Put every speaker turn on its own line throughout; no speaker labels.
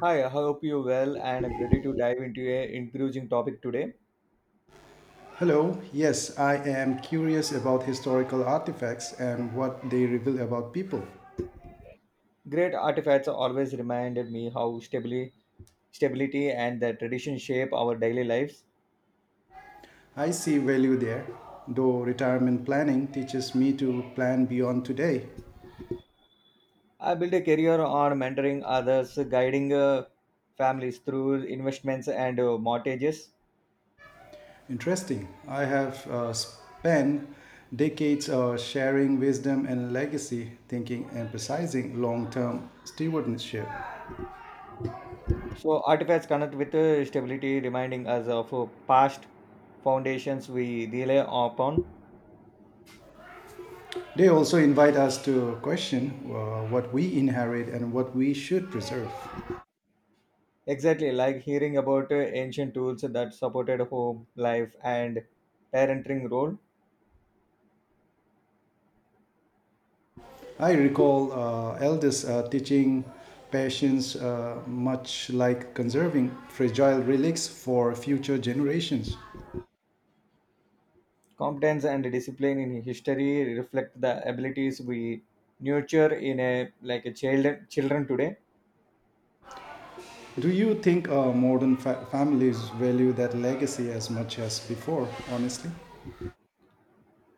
Hi, I hope you well and I'm ready to dive into a encouraging topic today.
Hello, yes, I am curious about historical artifacts and what they reveal about people.
Great artifacts always reminded me how stability and the tradition shape our daily lives.
I see value there, though retirement planning teaches me to plan beyond today.
I built a career on mentoring others, guiding families through investments and mortgages.
Interesting. I have spent decades sharing wisdom and legacy thinking, emphasizing long term stewardship.
So artifacts connect with stability, reminding us of past foundations we rely upon.
They also invite us to question what we inherit and what we should preserve.
Exactly, like hearing about ancient tools that supported home life and parenting role.
I recall elders teaching patience much like conserving fragile relics for future generations.
Competence and discipline in history reflect the abilities we nurture in a child children today.
Do you think modern families value that legacy as much as before, honestly?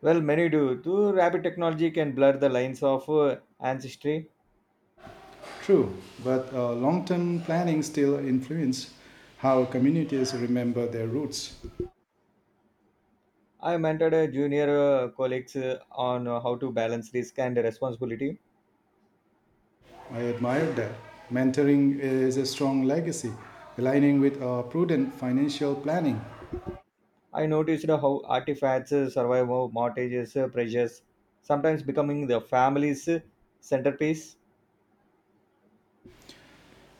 Well, many do. Too rapid technology can blur the lines of ancestry.
True, but long term planning still influences how communities remember their roots.
I mentored a junior colleagues on how to balance risk and responsibility.
I admire that. Mentoring is a strong legacy, aligning with prudent financial planning.
I noticed how artifacts survive mortgages, pressures, sometimes becoming the family's centerpiece.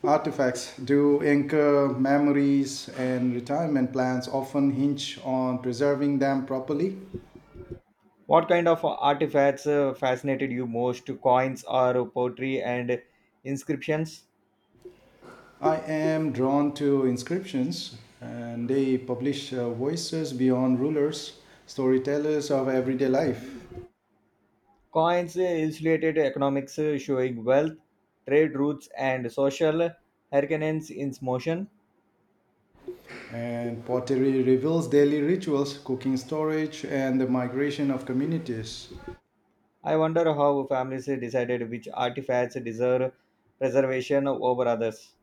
Artifacts do anchor memories, and retirement plans often hinge on preserving them properly.
What kind of artifacts fascinated you most? Coins or pottery and inscriptions?
I am drawn to inscriptions, and they publish voices beyond rulers, storytellers of everyday life.
Coins illustrated economics showing wealth, trade routes, and social hurricanes in motion.
And pottery reveals daily rituals, cooking storage, and the migration of communities.
I wonder how families decided which artifacts deserve preservation over others.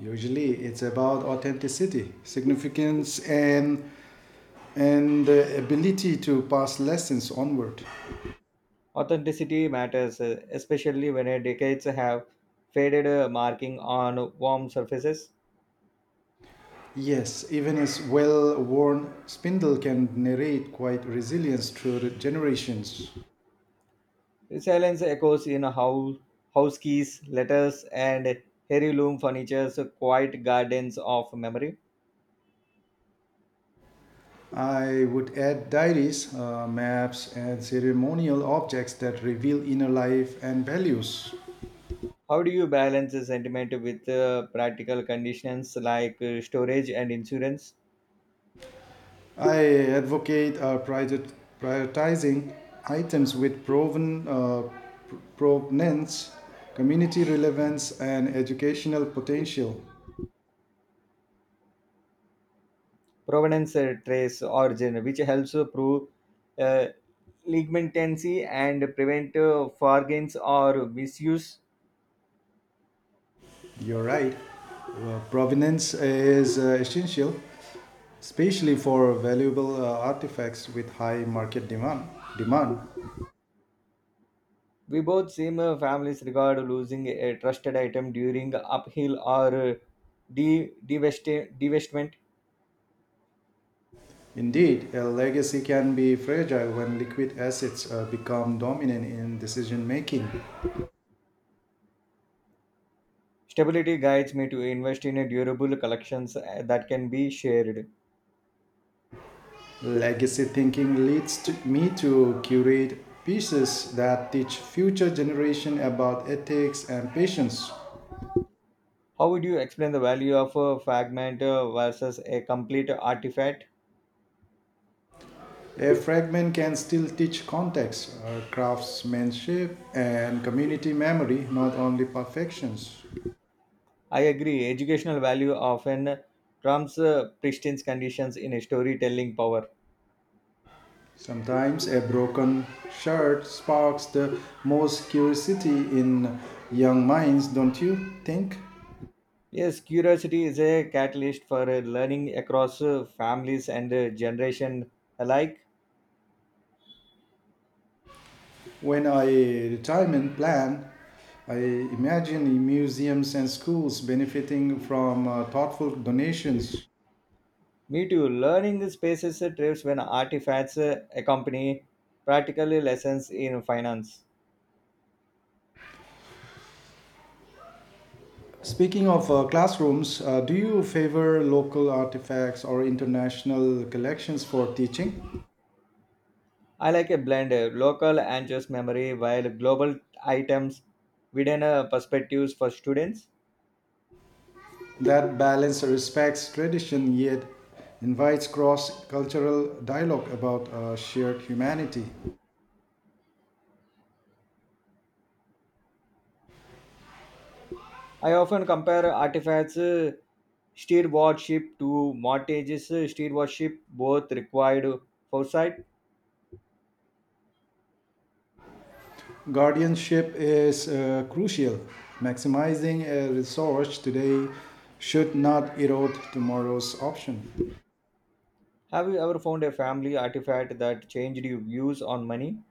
Usually, it's about authenticity, significance, and the ability to pass lessons onward.
Authenticity matters, especially when decades have faded marking on warm surfaces.
Yes, even his well worn spindle can narrate quite resilience through the generations.
Silence echoes in house keys, letters, and heirloom furniture's quiet gardens of memory.
I would add diaries, maps, and ceremonial objects that reveal inner life and values.
How do you balance the sentiment with practical conditions like storage and insurance,
I advocate prioritizing items with proven provenance, community relevance, and educational potential.
provenance, trace, origin, which helps to prove uh, leniency and prevent forgeries or misuse?
You're right. Well, provenance is essential, especially for valuable artifacts with high market demand.
We both seem families regard losing a trusted item during uphill or de- divest- divestment.
Indeed, a legacy can be fragile when liquid assets become dominant in decision making.
Stability guides me to invest in a durable collections that can be shared.
Legacy thinking leads to me to curate pieces that teach future generation about ethics and patience.
How would you explain the value of a fragment versus a complete artifact?
A fragment can still teach context, craftsmanship, and community memory, not only perfections.
I agree, educational value often trumps pristine conditions in a storytelling power.
Sometimes a broken shirt sparks the most curiosity in young minds, don't you think?
Yes, curiosity is a catalyst for learning across families and generation alike.
When I retirement plan, I imagine museums and schools benefiting from thoughtful donations.
Me too, learning spaces thrives when artifacts accompany practical lessons in finance.
Speaking of classrooms, do you favor local artifacts or international collections for teaching?
I like a blend, local and just memory, while global items within perspectives for students.
That balance respects tradition yet invites cross cultural dialogue about shared humanity.
I often compare artifacts stewardship to mortgages stewardship, both required foresight.
Guardianship is crucial. Maximizing a resource today should not erode tomorrow's option.
Have you ever found a family artifact that changed your views on money?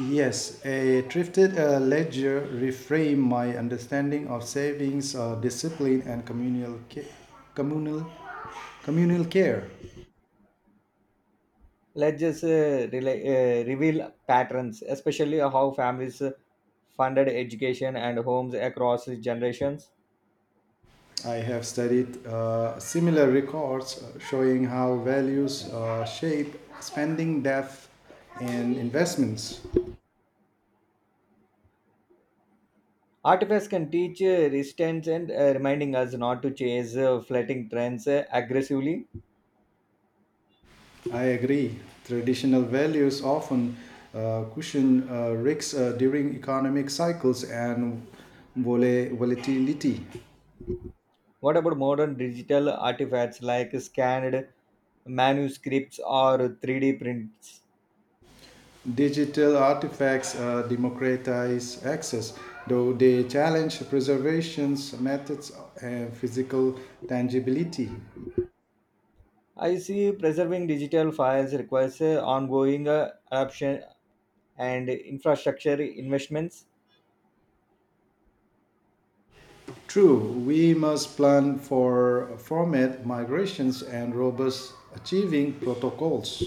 Yes, a thrifted ledger reframed my understanding of savings, discipline, and communal, communal care.
Let's just reveal patterns, especially how families funded education and homes across generations.
I have studied similar records showing how values shape spending, death, and investments.
Artifacts can teach resistance and reminding us not to chase fleeting trends aggressively.
I agree. Traditional values often cushion risks during economic cycles and volatility.
What about modern digital artifacts like scanned manuscripts or 3D prints?
Digital artifacts democratize access, though they challenge preservation's methods and physical tangibility.
I see preserving digital files requires ongoing adoption and infrastructure investments.
True, we must plan for format migrations and robust achieving protocols.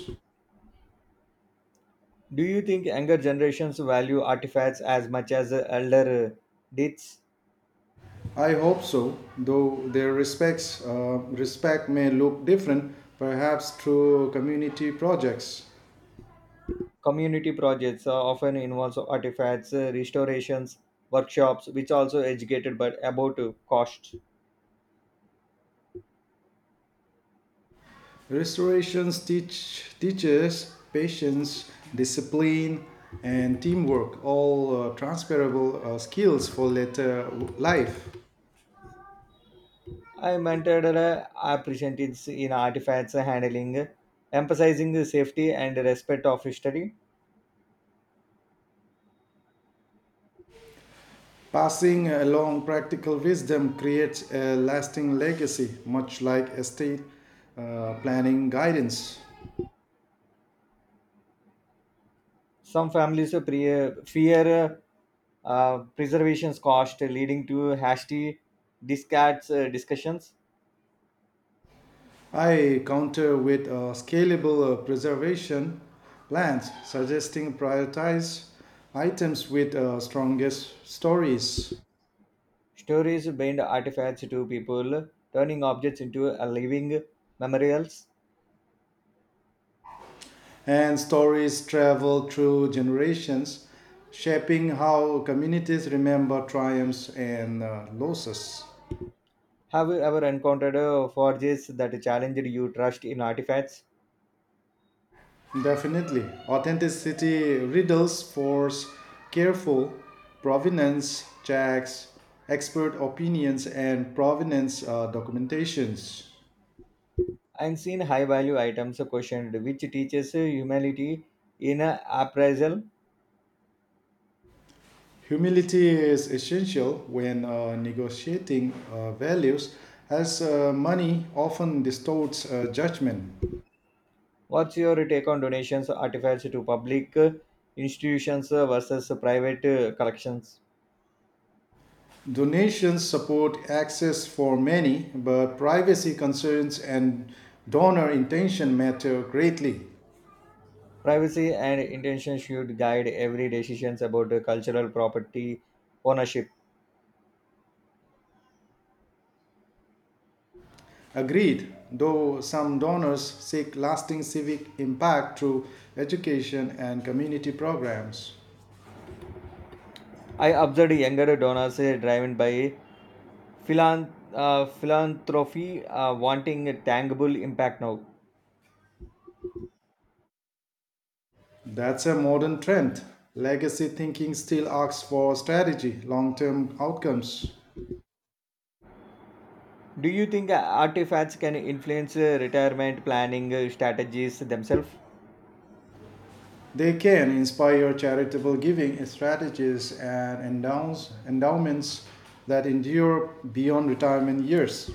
Do you think younger generations value artifacts as much as elder did?
I hope so, though their respect may look different, perhaps through community projects.
Community projects often involves artifacts, restorations, workshops, which also educated but about costs.
Restorations teaches patience, discipline, and teamwork, all transferable skills for later life.
I mentored appreciatives in artifacts handling, emphasizing the safety and respect of history.
Passing along practical wisdom creates a lasting legacy, much like estate planning guidance.
Some families fear preservation's cost, leading to hasty discards discussions.
I counter with scalable preservation plans, suggesting prioritize items with strongest stories.
Stories bind artifacts to people, turning objects into a living memorials.
And stories travel through generations, shaping how communities remember triumphs and losses.
Have you ever encountered a forges that challenged your trust in artifacts?
Definitely. Authenticity riddles force careful provenance checks, expert opinions, and provenance documentations.
And seen high value items questioned, which teaches humility in appraisal.
Humility is essential when negotiating values, as money often distorts judgment.
What's your take on donations artifacts to public institutions versus private collections?
Donations support access for many, but privacy concerns and donor intention matter greatly.
Privacy and intention should guide every decisions about cultural property ownership.
Agreed, though some donors seek lasting civic impact through education and community programs.
I observed younger donors driven by philanthropy wanting a tangible impact now.
That's a modern trend. Legacy thinking still asks for strategy, long term outcomes.
Do you think artifacts can influence retirement planning strategies themselves?
They can inspire charitable giving strategies and endowments that endure beyond retirement years.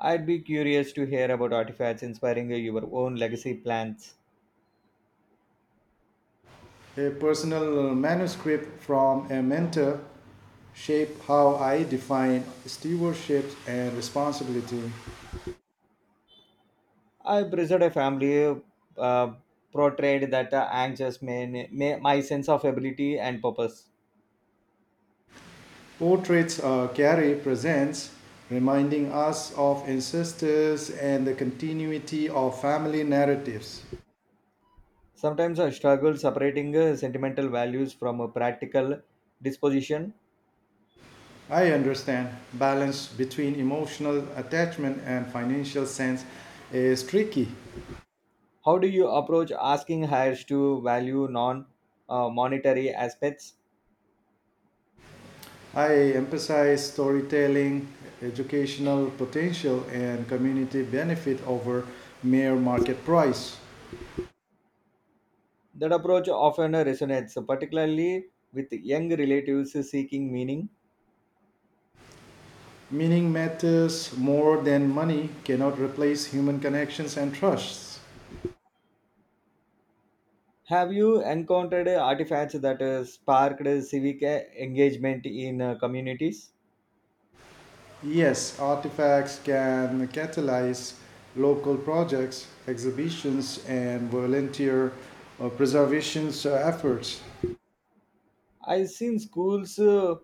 I'd be curious to hear about artifacts inspiring your own legacy plans.
A personal manuscript from a mentor shape how I define stewardship and responsibility.
I preserved a family uh, portrait that anchors my sense of ability and purpose.
Portraits Carrie presents, reminding us of ancestors and the continuity of family narratives.
Sometimes I struggle separating sentimental values from a practical disposition.
I understand balance between emotional attachment and financial sense is tricky.
How do you approach asking hires to value non monetary aspects?
I emphasize storytelling, educational potential, and community benefit over mere market price.
That approach often resonates, particularly with young relatives seeking meaning.
Meaning matters more than money, cannot replace human connections and trusts.
Have you encountered artifacts that sparked civic engagement in communities?
Yes, artifacts can catalyze local projects, exhibitions, and volunteer preservation efforts.
I've seen schools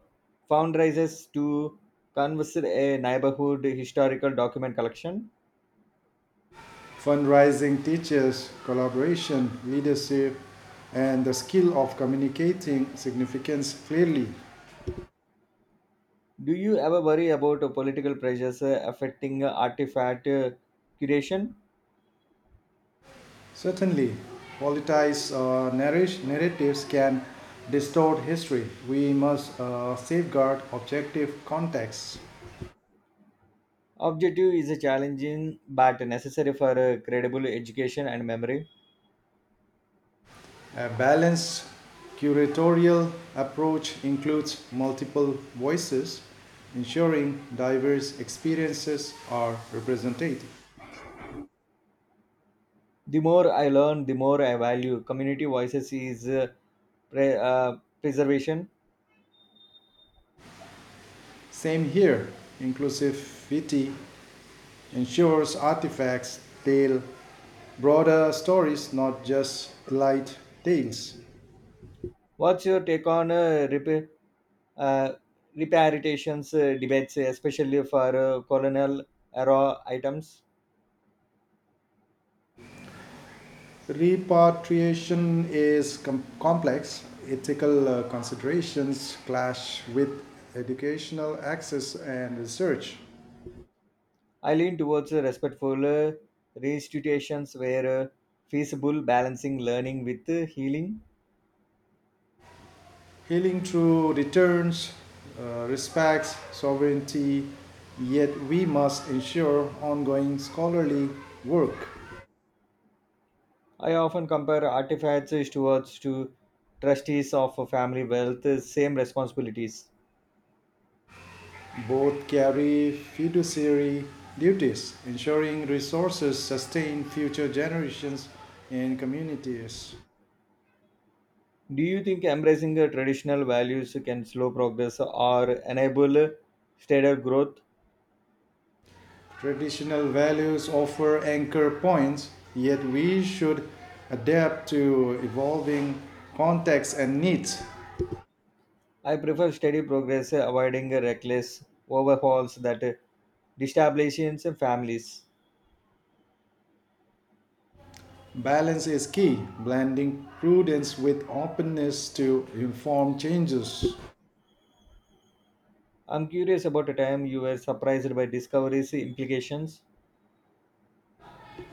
fundraisers to converse a neighborhood historical document collection.
Fundraising teaches collaboration, leadership, and the skill of communicating significance clearly.
Do you ever worry about political pressures affecting artifact curation?
Certainly, politicized narratives can distort history. We must safeguard objective contexts.
Objective is a challenging but necessary for credible education and memory.
A balanced curatorial approach includes multiple voices, ensuring diverse experiences are represented.
The more I learn the more I value community voices is pre- uh, preservation.
Same here, inclusivity ensures artifacts tell broader stories, not just light tales.
What's your take on uh, reparitations debates especially for colonial era items?
Repatriation is complex. Ethical considerations clash with educational access and research.
I lean towards respectful restitutions where feasible balancing learning with healing.
Healing through returns respects sovereignty, yet we must ensure ongoing scholarly work.
I often compare artifacts towards to trustees of family wealth same responsibilities.
Both carry fiduciary duties, ensuring resources sustain future generations and communities.
Do you think embracing traditional values can slow progress or enable steadier growth?
Traditional values offer anchor points, yet we should adapt to evolving contexts and needs.
I prefer steady progress, avoiding reckless overhauls that destabilizes families.
Balance is key, blending prudence with openness to inform changes.
I'm curious about a time you were surprised by discoveries' implications.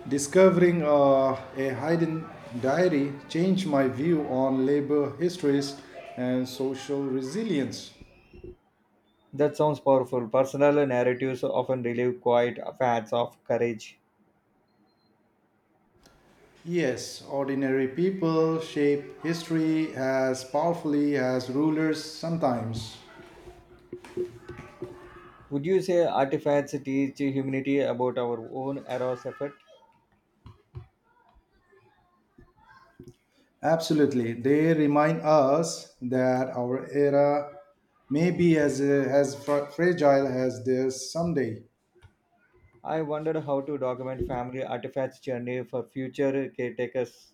Discovering a hidden diary changed my view on labor histories and social resilience.
That sounds powerful. Personal narratives often relieve quiet facts of courage.
Yes, ordinary people shape history as powerfully as rulers sometimes.
Would you say artifacts teach humanity about our own era's effort?
Absolutely, they remind us that our era may be as fragile as theirs someday.
I wondered how to document family artifacts journey for future caretakers.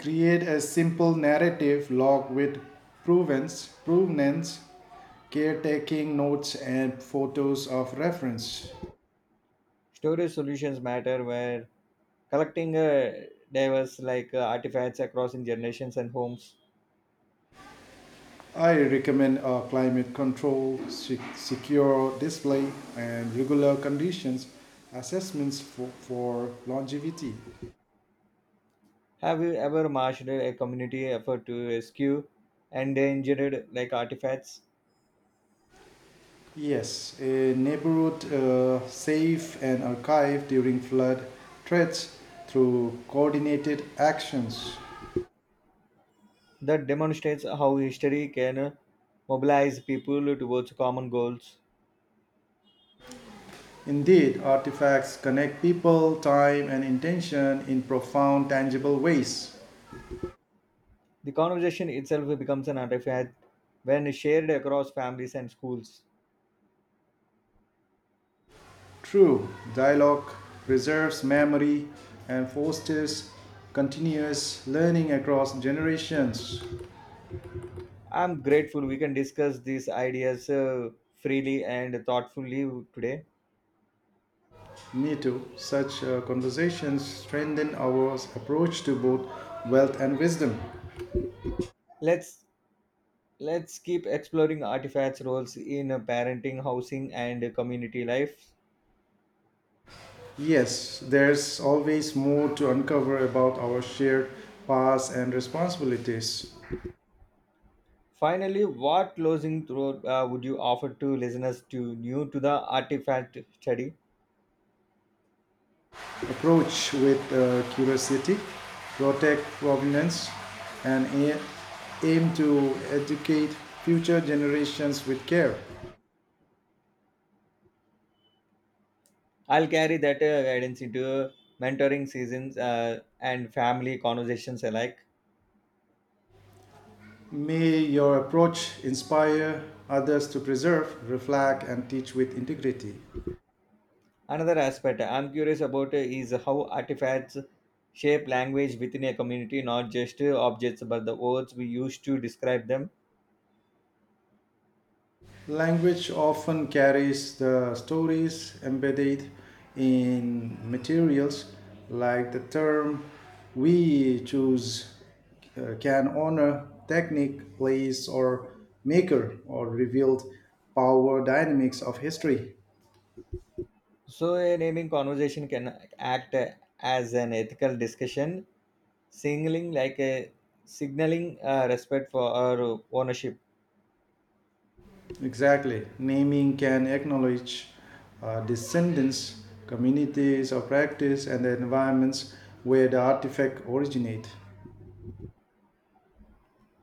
Create a simple narrative log with provenance caretaking notes and photos of reference.
Storage solutions matter where collecting diverse like artifacts across in generations and homes.
I recommend a climate control, secure display, and regular conditions assessments for longevity.
Have you ever marshaled a community effort to rescue endangered like artifacts?
Yes, a neighborhood safe and archived during flood threats through coordinated actions.
That demonstrates how history can mobilize people towards common goals.
Indeed, artifacts connect people, time, and intention in profound, tangible ways.
The conversation itself becomes an artifact when shared across families and schools.
True, dialogue preserves memory and fosters continuous learning across generations.
I'm grateful we can discuss these ideas freely and thoughtfully today.
Me too. Such conversations strengthen our approach to both wealth and wisdom.
Let's let's keep exploring artifacts' roles in parenting, housing, and community life.
Yes, there's always more to uncover about our shared past and responsibilities.
Finally, what closing thought would you offer to listeners to new to the artifact study?
Approach with curiosity, protect provenance, and aim to educate future generations with care.
I'll carry that guidance into mentoring seasons and family conversations alike.
May your approach inspire others to preserve, reflect, and teach with integrity.
Another aspect I'm curious about is how artifacts shape language within a community, not just objects, but the words we use to describe them.
Language often carries the stories embedded in materials, like the term we choose can honor technique, place, or maker, or revealed power dynamics of history.
So, a naming conversation can act as an ethical discussion, signaling like a signaling respect for our ownership.
Exactly. Naming can acknowledge descendants, communities of practice, and the environments where the artifact originates.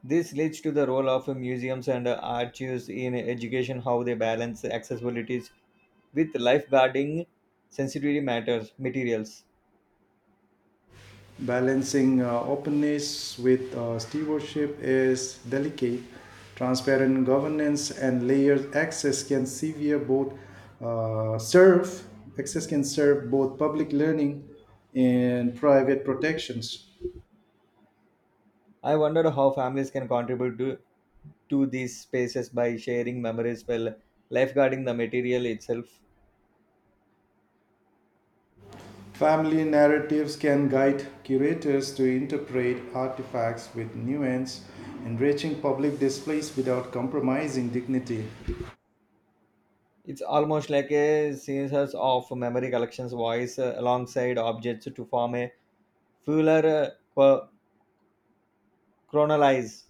This leads to the role of museums and archives in education, how they balance accessibilities with lifeguarding sensitivity matters materials.
Balancing openness with stewardship is delicate. Transparent governance and layered access can severe both serve access can serve both public learning and private protections.
I wonder how families can contribute to these spaces by sharing memories while lifeguarding the material itself.
Family narratives can guide curators to interpret artifacts with nuance, enriching public displays without compromising dignity.
It's almost like a series of memory collections voice alongside objects to form a fuller chronolise.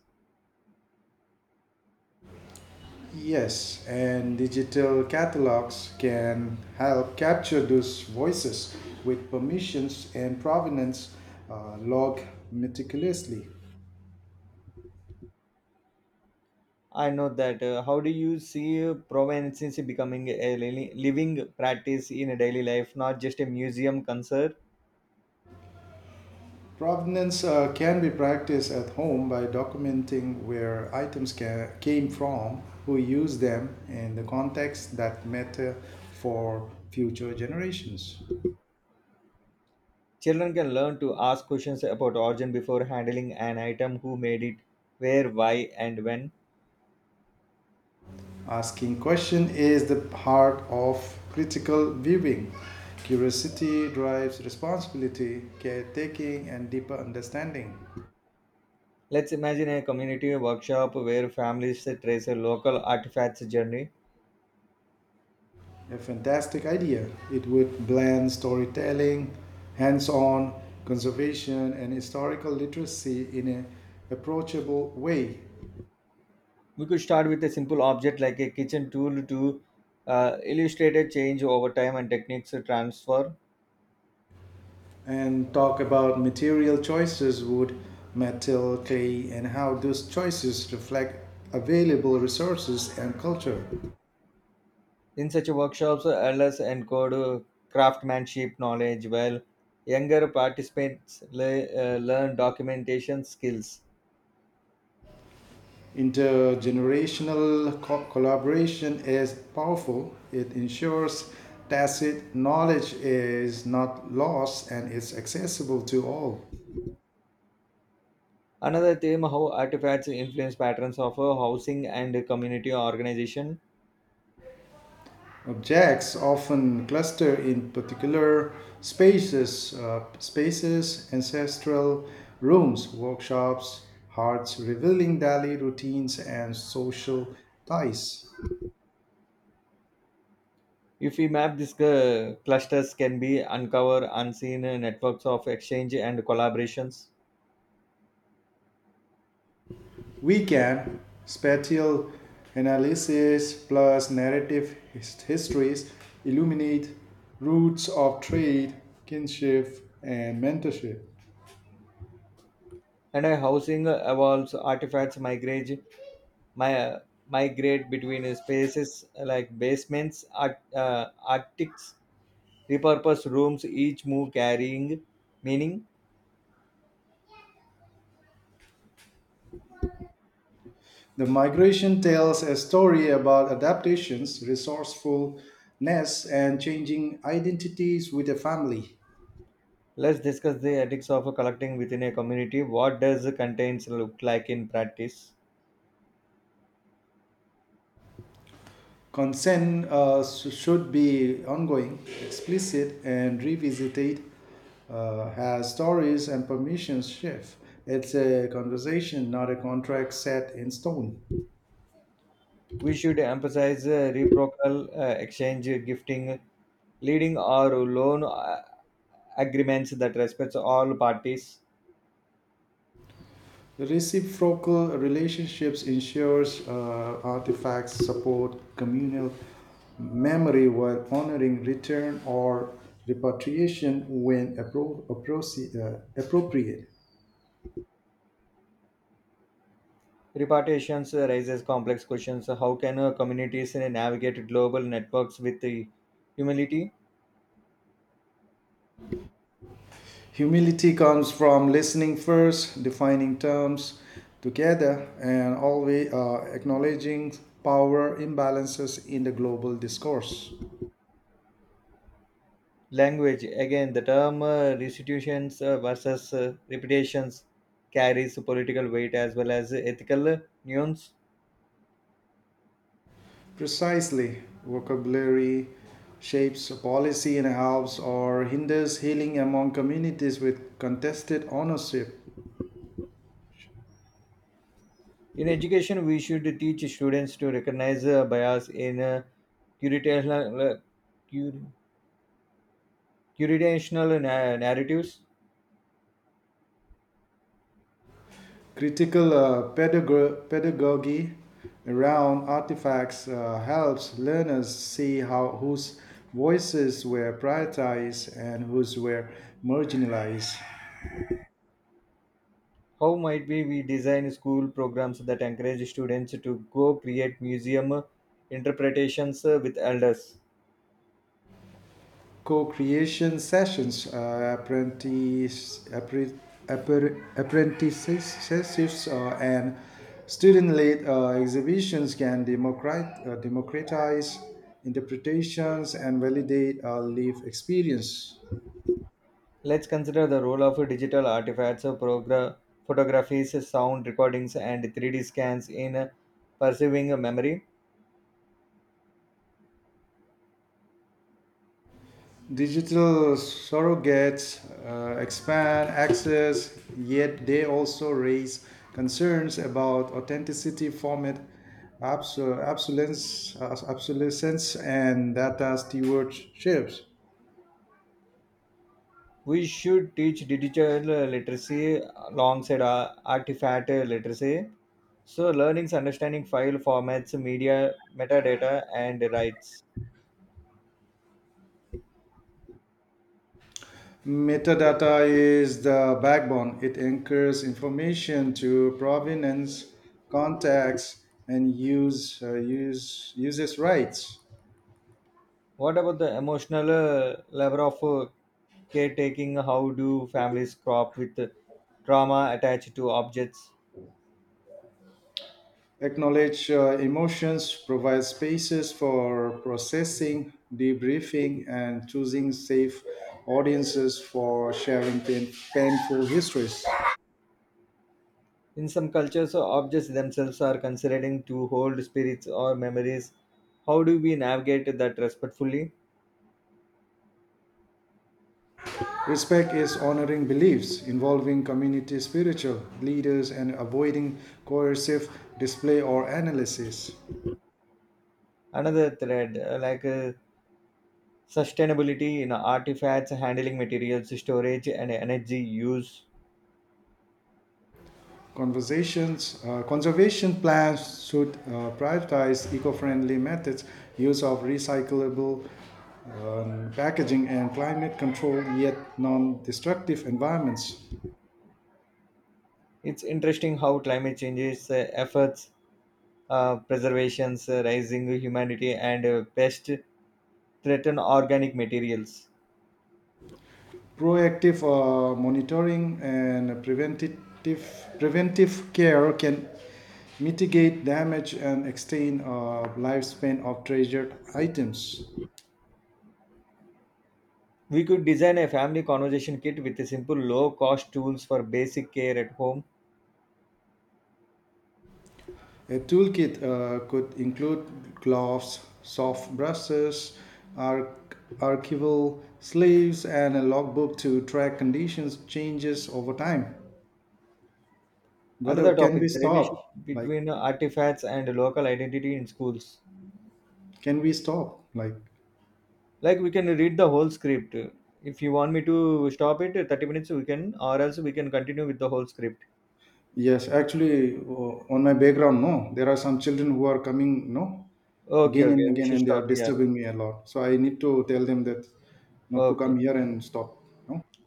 Yes, and digital catalogs can help capture those voices with permissions and provenance logged meticulously.
I know that. How do you see provenance becoming a living practice in a daily life, not just a museum concert?
Provenance can be practiced at home by documenting where items came from, who used them, and the context that matter for future generations.
Children can learn to ask questions about origin before handling an item, who made it, where, why, and when.
Asking question is the heart of critical viewing. Curiosity drives responsibility, caretaking, and deeper understanding.
Let's imagine a community workshop where families trace a local artifacts journey.
A fantastic idea. It would blend storytelling, hands on, conservation, and historical literacy in an approachable way,
We could start with a simple object like a kitchen tool to illustrate a change over time and techniques to transfer.
and talk about material choices wood, metal, clay, and how those choices reflect available resources and culture.
In such workshops, elders encode craftsmanship knowledge while younger participants learn documentation skills.
Intergenerational collaboration is powerful, it ensures tacit knowledge is not lost and is accessible to all.
Another theme how artifacts influence patterns of housing and community organization.
Objects often cluster in particular spaces, ancestral rooms, workshops, hearts, revealing daily routines and social ties.
If we map these clusters can be uncover unseen networks of exchange and collaborations.
We can spatial analysis plus narrative histories illuminate roots of trade, kinship, and mentorship.
And a housing evolves artifacts migrate my, uh, migrate between spaces like basements arctics repurposed rooms each move carrying meaning.
The migration tells a story about adaptations, resourcefulness, and changing identities with a family.
Let's discuss the ethics of collecting within a community what does contains look like in practice.
Consent should be ongoing, explicit, and revisited as stories and permissions shift. It's a conversation, not a contract set in stone.
We should emphasize reciprocal exchange gifting leading or loan agreements that respects all parties.
The reciprocal relationships ensures artifacts support communal memory while honoring return or repatriation when appropriate.
Repartitions raises complex questions. How can communities navigate global networks with the humility?
Humility comes from listening first, defining terms together, and always acknowledging power imbalances in the global discourse.
Language again, the term restitutions versus reputations carries political weight as well as ethical nuance.
Precisely, vocabulary shapes policy and helps or hinders healing among communities with contested ownership.
In education, we should teach students to recognize bias in curatorial, cur- curational narratives.
Critical pedagogy around artifacts helps learners see how whose voices were prioritized and whose were marginalized.
How might we design school programs that encourage students to go create museum interpretations with elders?
Co-creation sessions, apprenticeships, and student-led exhibitions can democratize interpretations and validate lived experience.
Let's consider the role of digital artifacts, photographies, sound recordings, and 3D scans in preserving memory.
Digital surrogates expand access, yet they also raise concerns about authenticity, format obsolescence and data stewardships.
We should teach digital literacy alongside artifact literacy. So, learning's understanding file formats, media, metadata, and rights.
Metadata is the backbone. It anchors information to provenance, context, and uses rights.
What about the emotional level of caretaking how do families cope with trauma attached to objects?
Acknowledge emotions, provide spaces for processing, debriefing, and choosing safe audiences for sharing painful histories.
In some cultures objects themselves are considered to hold spirits or memories how do we navigate that respectfully?
Respect is honoring beliefs, involving community spiritual leaders, and avoiding coercive display or analysis.
Another thread sustainability in artifacts handling materials storage and energy use.
Conservation plans should prioritize eco-friendly methods, use of recyclable packaging and climate control yet non-destructive environments.
It's interesting how climate changes efforts preservations rising humanity and pest threaten organic materials.
Proactive monitoring and preventative preventive care can mitigate damage and extend lifespan of treasured items.
We could design a family conversation kit with a simple low cost tools for basic care at home.
A toolkit could include gloves, soft brushes, archival sleeves and a logbook to track conditions changes over time. Brother,
Another
can we
topic the
stop,
relationship
like
between artifacts and local identity in schools.
like?
Like we can read the whole script. If you want me to stop it at 30 minutes we can or else we can continue with the whole script.
Yes, actually, on my background, no, there are some children who are coming. No,
Okay,
again and
okay, we
again,
should
and they are
stop here.
disturbing me a lot, so I need to tell them that not to
Okay.
come here and stop. No.